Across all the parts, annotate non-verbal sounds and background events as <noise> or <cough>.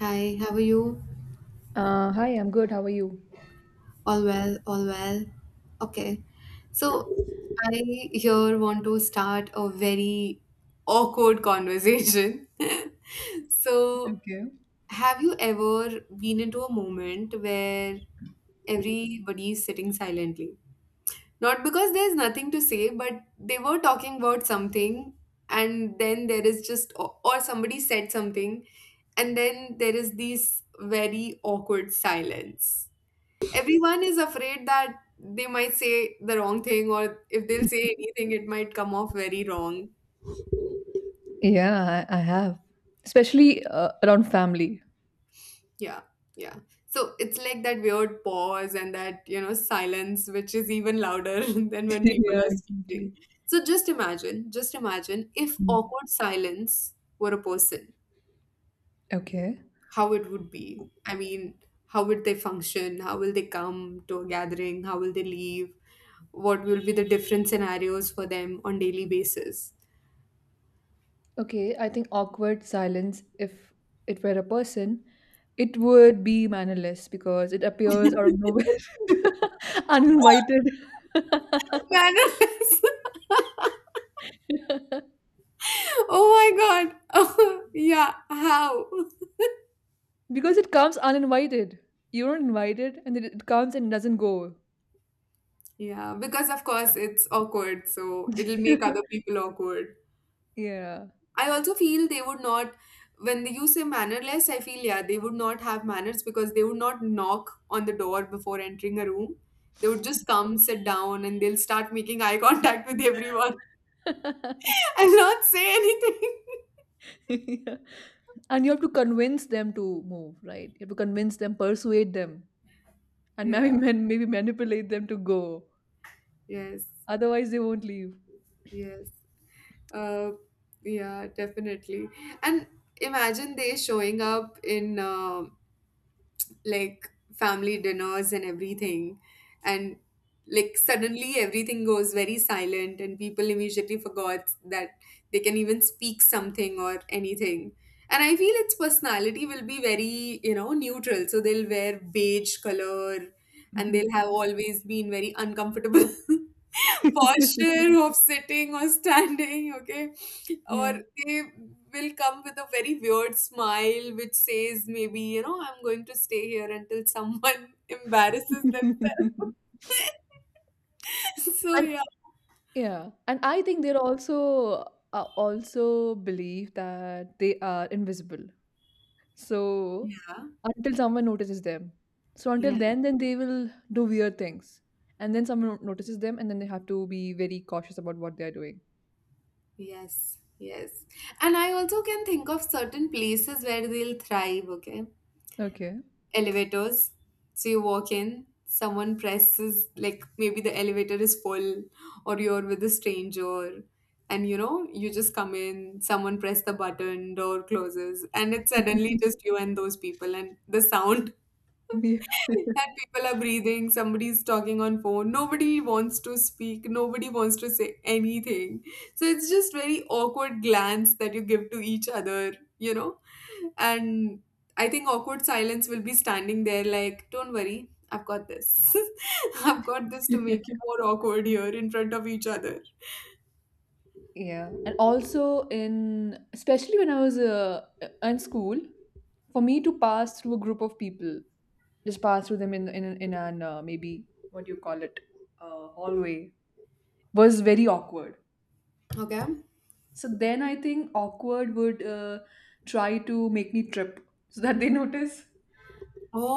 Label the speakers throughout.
Speaker 1: Hi, how are you?
Speaker 2: Hi, I'm good. How are you?
Speaker 1: All well, all well. Okay. So I here want to start a very awkward conversation. <laughs> So,
Speaker 2: Okay. <laughs>
Speaker 1: have you ever been into a moment where everybody is sitting silently? Not because there's nothing to say, but they were talking about something, and then there is just, or somebody said something, and then there is this very awkward silence. Everyone is afraid that they might say the wrong thing, or if they'll say anything, it might come off very wrong.
Speaker 2: Yeah, I have. Especially around family.
Speaker 1: Yeah, yeah, so it's like that weird pause and that silence which is even louder <laughs> than when
Speaker 2: <laughs>
Speaker 1: people
Speaker 2: Yeah,
Speaker 1: are speaking.
Speaker 2: exactly.
Speaker 1: So just imagine if
Speaker 2: Mm.
Speaker 1: awkward silence were a person.
Speaker 2: Okay.
Speaker 1: How it would be, I mean, how would they function? How will they come to a gathering? How will they leave? What will be the different scenarios for them on daily basis?
Speaker 2: Okay, I think awkward silence, if it were a person, it would be mannerless because it appears out of
Speaker 1: Mannerless.
Speaker 2: nowhere, <laughs> uninvited.
Speaker 1: <laughs>
Speaker 2: <laughs>
Speaker 1: Oh my god. <laughs> Oh, yeah, how?
Speaker 2: Because it comes uninvited. You're not invited, and then it comes and doesn't go.
Speaker 1: Yeah, because of course it's awkward, so it'll
Speaker 2: <laughs>
Speaker 1: make other people awkward.
Speaker 2: Yeah.
Speaker 1: I also feel they would not, when you say mannerless, I feel, yeah, they would not have manners because they would not knock on the door before entering a room. They would just come, sit down, and they'll start making eye contact with everyone
Speaker 2: <laughs>
Speaker 1: <laughs> and not say anything. <laughs>
Speaker 2: <laughs> Yeah. And you have to convince them to move, right? You have to convince them, persuade them, and maybe
Speaker 1: Yeah.
Speaker 2: <laughs> maybe manipulate them to go.
Speaker 1: Yes.
Speaker 2: Otherwise, they won't leave.
Speaker 1: Yes. Uh, yeah, definitely. And imagine they showing up in like family dinners and everything, and like suddenly everything goes very silent, and people immediately forgot that they can even speak something or anything. And I feel its personality will be very, neutral. So they'll wear beige color, and
Speaker 2: <laughs>
Speaker 1: they'll have
Speaker 2: Okay.
Speaker 1: always been very uncomfortable. <laughs>
Speaker 2: <laughs>
Speaker 1: Posture of sitting or standing, okay? Or
Speaker 2: Yeah.
Speaker 1: they will come with a very weird smile which says, maybe, I'm going to stay here until someone <laughs> embarrasses them. <laughs>
Speaker 2: <laughs>
Speaker 1: So,
Speaker 2: and
Speaker 1: yeah.
Speaker 2: yeah, and I think they're also also believe that they are invisible. So
Speaker 1: Yeah.
Speaker 2: until someone notices them, so
Speaker 1: Yeah.
Speaker 2: until then they will do weird things, and then someone notices them, and then they have to be very cautious about what they are doing.
Speaker 1: Yes. Yes. And I also can think of certain places where they'll thrive, okay?
Speaker 2: Okay.
Speaker 1: Elevators. So you walk in, someone presses, like maybe the elevator is full, or you're with a stranger, and you just come in, someone press the button, door closes, and it's suddenly just you and those people, and the sound,
Speaker 2: Yeah.
Speaker 1: and people are breathing, somebody's talking on phone, nobody wants to speak, nobody wants to say anything. So it's just very awkward glance that you give to each other, you know? And I think awkward silence will be standing there like, don't worry, I've got this. <laughs> I've got this to make you
Speaker 2: <laughs>
Speaker 1: more awkward here in front of each other.
Speaker 2: Yeah, and also in especially when I was in school, for me to pass through a group of people, just pass through them in an maybe what do you call it, hallway was very awkward.
Speaker 1: Okay?
Speaker 2: So then I think awkward would try to make me trip so that they <laughs> notice.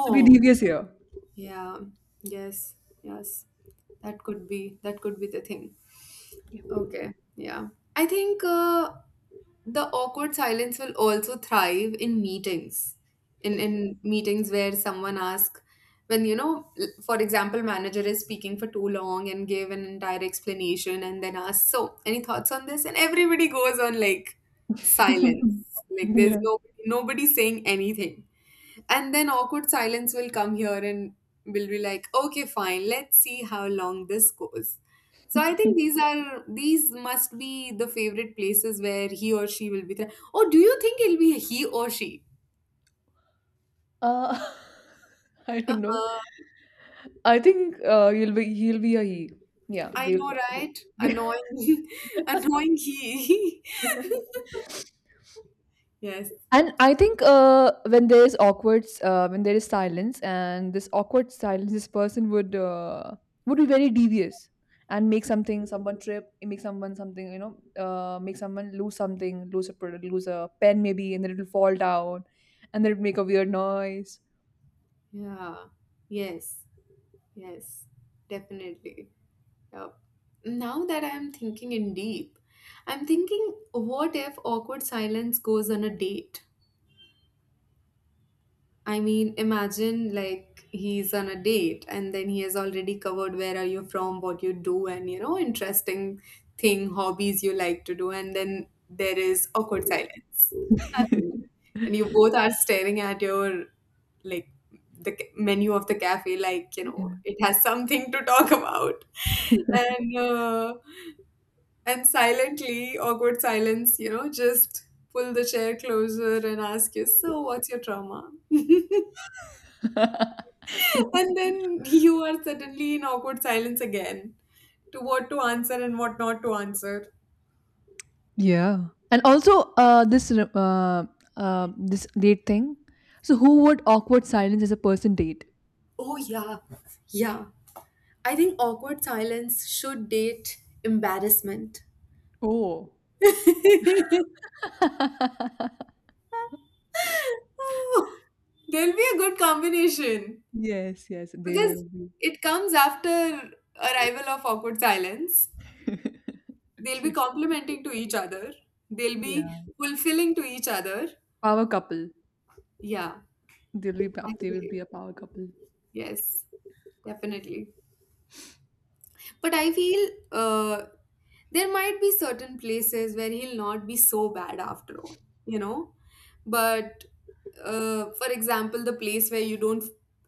Speaker 2: So be devious here.
Speaker 1: yeah. Yes, yes. That could be the thing. Okay, yeah. I think the awkward silence will also thrive in meetings. In meetings where someone asks, when you know, l- for example, manager is speaking for too long and gave an entire explanation and then asks, "So, any thoughts on this?" And everybody goes on like
Speaker 2: Yeah.
Speaker 1: silence. Like there's no nobody saying anything. And then awkward silence will come here and will be like, "Okay, fine. Let's see how long this goes." So I think
Speaker 2: <laughs> Yeah.
Speaker 1: these must be the favorite places where he or she will be. Oh, do you think it'll be he or she?
Speaker 2: Uh, <laughs> I
Speaker 1: Uh,
Speaker 2: don't know.
Speaker 1: uh,
Speaker 2: I think you'll be he'll be a he. Yeah,
Speaker 1: I
Speaker 2: they'll.
Speaker 1: know, right?
Speaker 2: <laughs>
Speaker 1: Annoying, <laughs> annoying he. <laughs> Yes.
Speaker 2: And I think when there is when there is silence, and this awkward silence, this person would be very devious and make something, someone trip, make someone something, you know, make someone lose something, lose a product, lose a pen maybe, and then it'll fall down, and then it'll make a weird noise.
Speaker 1: Yeah. Yes. Yes. Definitely. Yep. Now that I'm thinking in deep, I'm thinking, what if awkward silence goes on a date? I mean, imagine like he's on a date, and then he has already covered where are you from, what you do, and, you know, interesting thing, hobbies you like to do, and then there is awkward silence. Nothing. And you both are staring at your, like, the menu of the cafe, like,
Speaker 2: Yeah.
Speaker 1: it has something to talk about, <laughs> and uh, and silently, awkward silence, just pull the chair closer and ask you, so what's your trauma?
Speaker 2: <laughs>
Speaker 1: And then <laughs> you are suddenly in awkward silence again to what to answer and what not to answer.
Speaker 2: Yeah. And also, this date thing. So, who would awkward silence as a person date?
Speaker 1: Oh, yeah. Yeah. I think awkward silence should date embarrassment.
Speaker 2: Oh,
Speaker 1: <laughs>
Speaker 2: <laughs>
Speaker 1: Oh, there'll be a good combination
Speaker 2: yes, yes, they
Speaker 1: because
Speaker 2: will be.
Speaker 1: it comes after arrival of awkward silence.
Speaker 2: <laughs>
Speaker 1: They'll be
Speaker 2: Okay.
Speaker 1: complimenting to each other. They'll be
Speaker 2: Yeah.
Speaker 1: fulfilling to each other.
Speaker 2: Power couple.
Speaker 1: Yeah,
Speaker 2: They will
Speaker 1: actually,
Speaker 2: be a power couple.
Speaker 1: yes, definitely. But I feel there might be certain places where he'll not be so bad after all, you know? But for example, the place where you don't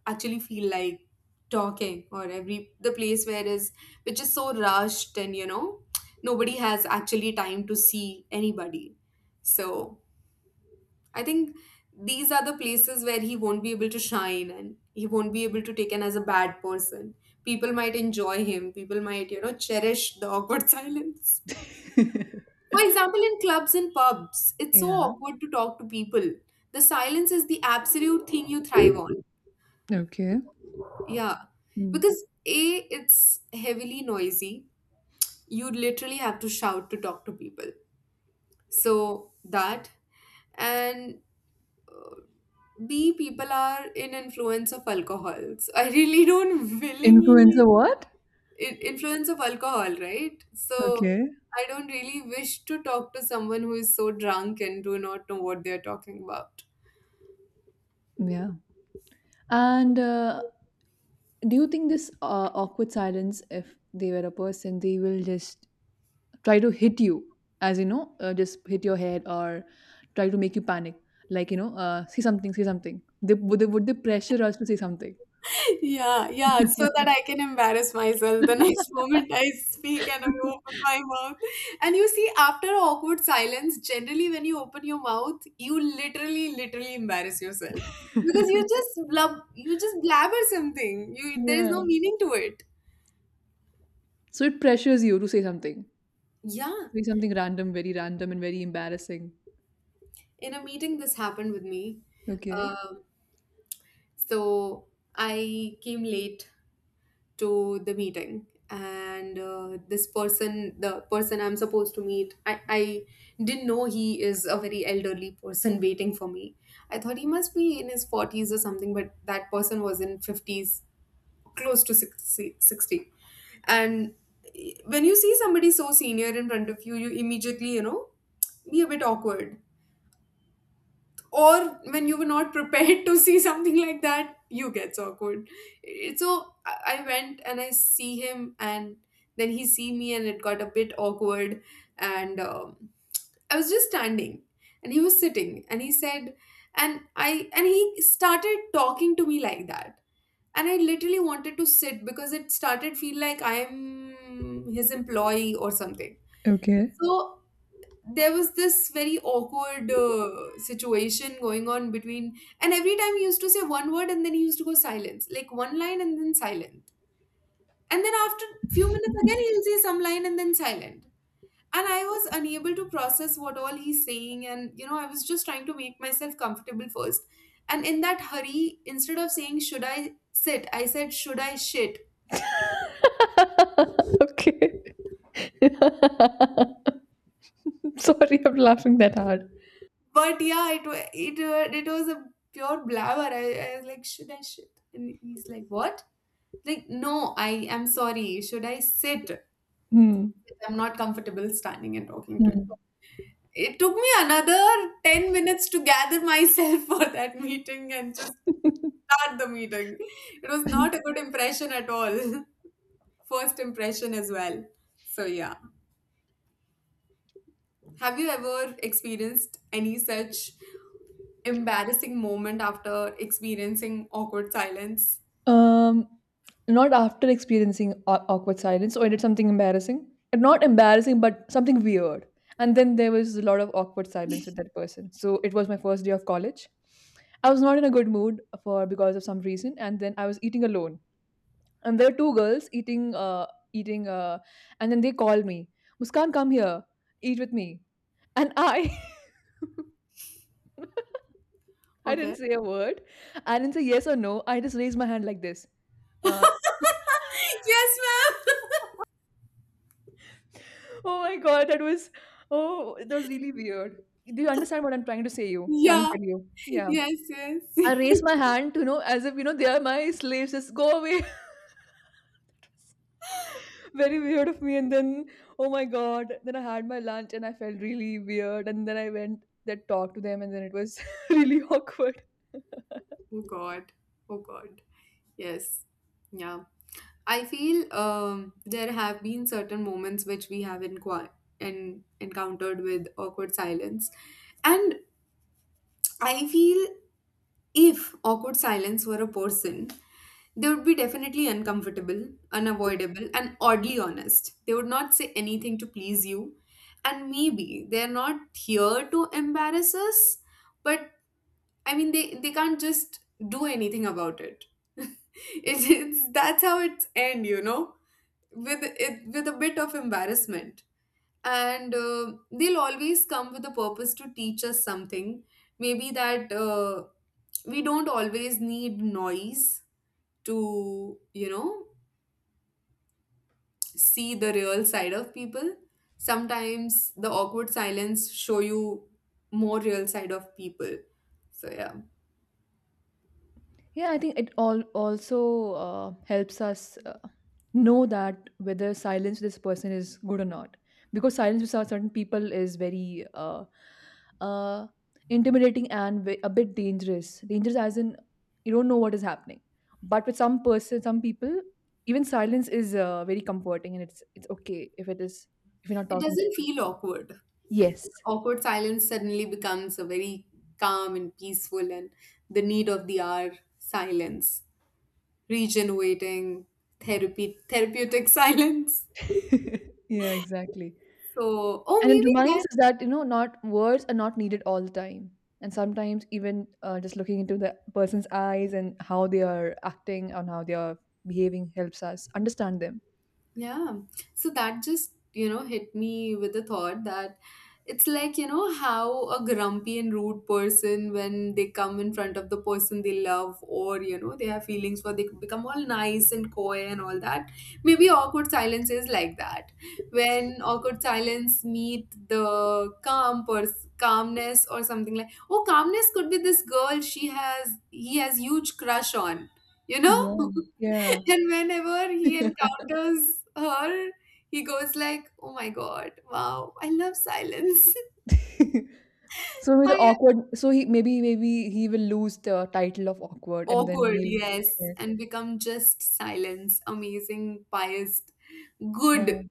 Speaker 1: actually feel like talking, or every the place where is which is so rushed, and nobody has actually time to see anybody. So I think these are the places where he won't be able to shine, and he won't be able to taken as a bad person. People might enjoy him, people might, cherish the awkward <laughs> silence.
Speaker 2: <laughs>
Speaker 1: For example, in clubs and pubs, it's so
Speaker 2: Yeah.
Speaker 1: awkward to talk to people. The silence is the absolute thing you thrive on.
Speaker 2: Okay.
Speaker 1: Yeah.
Speaker 2: Mm.
Speaker 1: Because A, it's heavily noisy. You literally have to shout to talk to people. So that. And B, people are in influence of alcohols. I really don't <laughs> willingly
Speaker 2: Influencer what?
Speaker 1: influence of alcohol, right? So
Speaker 2: Okay.
Speaker 1: I don't really wish to talk to someone who is so drunk and do not know what they're talking about.
Speaker 2: Yeah. And do you think this awkward silence, if they were a person, they will just try to hit you, as you know, just hit your head or try to make you panic, like you know, say something, say something. They would they would they pressure us to say something?
Speaker 1: Yeah, yeah, so that I can embarrass myself the <laughs> next moment I speak and I open my mouth. And you see, after awkward silence, generally when you open your mouth, you literally, literally embarrass yourself because you just blabber something. You there is no
Speaker 2: Yeah.
Speaker 1: meaning to it.
Speaker 2: So it pressures you to
Speaker 1: Yeah,
Speaker 2: say something random, very random and very embarrassing.
Speaker 1: in a meeting, this happened with me.
Speaker 2: Okay.
Speaker 1: Um, so I came late to the meeting, and this person the person I'm supposed to meet, I didn't know he is a very elderly person waiting for me. I thought he must be in his 40s or something, but that person was in 50s, close to 60, sixty. And when you see somebody so senior in front of you immediately be a bit awkward. Or when you were not prepared <laughs> to see something like that, you gets awkward. So I went and I see him, and then he see me, and it got a bit awkward. And I was just standing, and he was sitting, and he said, and he started talking to me like that. And I literally wanted to sit because it started feel like I'm his employee or something.
Speaker 2: Okay.
Speaker 1: So there was this very awkward situation going on between. And every time he used to say one word, and then he used to go silence like one line and then silent, and then after few minutes again he'll say some line and then silent. And I was unable to process what all he's saying, and I was just trying to make myself comfortable first. And in that hurry, instead of saying should I sit, I said should I shit.
Speaker 2: <laughs> Okay. <laughs> I'm sorry, I'm laughing that hard.
Speaker 1: But yeah, it was a pure blabber. I was like should I shit, and he's like what. Like, no, I am sorry. Should I sit?
Speaker 2: Hmm.
Speaker 1: I'm not comfortable standing and talking to you.
Speaker 2: Hmm.
Speaker 1: It took me another 10 minutes to gather myself <laughs> for that meeting and just start the meeting. It was not a good impression at all. <laughs> First impression as well. So, yeah. Have you ever experienced any such embarrassing moment after experiencing awkward silence?
Speaker 2: Um, not after experiencing awkward silence, or I did something embarrassing. Not embarrassing, but something weird. And then there was a lot of awkward silence with that person. So it was my first day of college. I was not in a good mood for because of some reason, and then I was eating alone. And there were two girls eating, and then they called me, Muskan, come here, eat with me. And I <laughs> I didn't
Speaker 1: Okay. <laughs>
Speaker 2: say a word. I didn't say yes or no. I just raised my hand like this. Uh,
Speaker 1: Yes, ma'am.
Speaker 2: oh my god, that was oh, that was really weird. Do you understand what I'm trying to say?
Speaker 1: <laughs>
Speaker 2: You trying to
Speaker 1: Yeah.
Speaker 2: tell you? Yeah.
Speaker 1: Yes,
Speaker 2: I
Speaker 1: yes.
Speaker 2: raised my hand to you know as if you know they are my slaves. Just go away. <laughs> Very weird of me. And then oh my god, then I had my lunch and I felt really weird. And then I went that talk to them and then it was <laughs> really awkward.
Speaker 1: Oh God. Oh God. Yes. Yeah. I feel there have been certain moments which we have encountered with awkward silence. And I feel if awkward silence were a person, they would be definitely uncomfortable, unavoidable, and oddly honest. They would not say anything to please you. And maybe they're not here to embarrass us, but I mean, they can't just do anything about it. <laughs> It's that's how it's end, with it with a bit of embarrassment, and they'll always come with a purpose to teach us something. Maybe that we don't always need noise to see the real side of people. Sometimes the awkward silence show you more real side of people. So yeah.
Speaker 2: Yeah, I think it all also helps us know that whether silence with this person is good or not, because silence with certain people is very uh, intimidating and a bit dangerous. Dangerous as in you don't know what is happening, but with some person, some people, even silence is very comforting, and it's okay if it is if you're not
Speaker 1: It
Speaker 2: talking.
Speaker 1: doesn't feel awkward. It
Speaker 2: Yes.
Speaker 1: awkward silence suddenly becomes a very calm and peaceful and the need of the hour silence, regenerating, therapy therapeutic <laughs> silence.
Speaker 2: <laughs> Yeah. Exactly.
Speaker 1: So, oh,
Speaker 2: And it
Speaker 1: maybe
Speaker 2: reminds
Speaker 1: that.
Speaker 2: us that, you know, not words are not needed all the time. And sometimes even just looking into the person's eyes and how they are acting and how they are behaving helps us understand them.
Speaker 1: Yeah. So that just, hit me with the thought that it's like, how a grumpy and rude person, when they come in front of the person they love, or, they have feelings for, they become all nice and coy and all that. Maybe awkward silence is like that. When awkward silence meet the calm calmness or something like, oh, calmness could be this girl he has huge crush on, you know?
Speaker 2: Yeah. Yeah.
Speaker 1: And whenever he
Speaker 2: <laughs>
Speaker 1: encounters her, he goes like, "Oh my God, wow, I love silence.
Speaker 2: So
Speaker 1: <laughs>
Speaker 2: maybe
Speaker 1: I
Speaker 2: the
Speaker 1: am
Speaker 2: awkward. So he maybe he will lose the title of awkward, and then
Speaker 1: awkward,
Speaker 2: he'll
Speaker 1: yes,
Speaker 2: yes
Speaker 1: and become just silence, amazing, biased,
Speaker 2: yeah
Speaker 1: good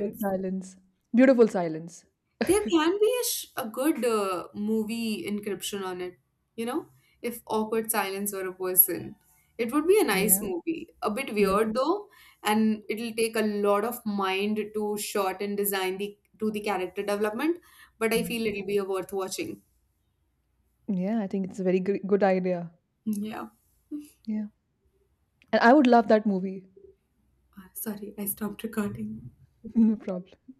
Speaker 2: good silence, beautiful silence.
Speaker 1: There can be a good movie encryption on it, you know, if awkward silence were a person. It would be a nice
Speaker 2: Yeah,
Speaker 1: movie. A bit
Speaker 2: yeah,
Speaker 1: weird though, and it'll take a lot of mind to shot and design the to the character development, but I
Speaker 2: yeah.
Speaker 1: feel it'll be a worth watching.
Speaker 2: Yeah, I think it's a very good, good idea.
Speaker 1: Yeah.
Speaker 2: Yeah, and I would love that movie.
Speaker 1: Sorry, I stopped recording.
Speaker 2: <laughs> No problem.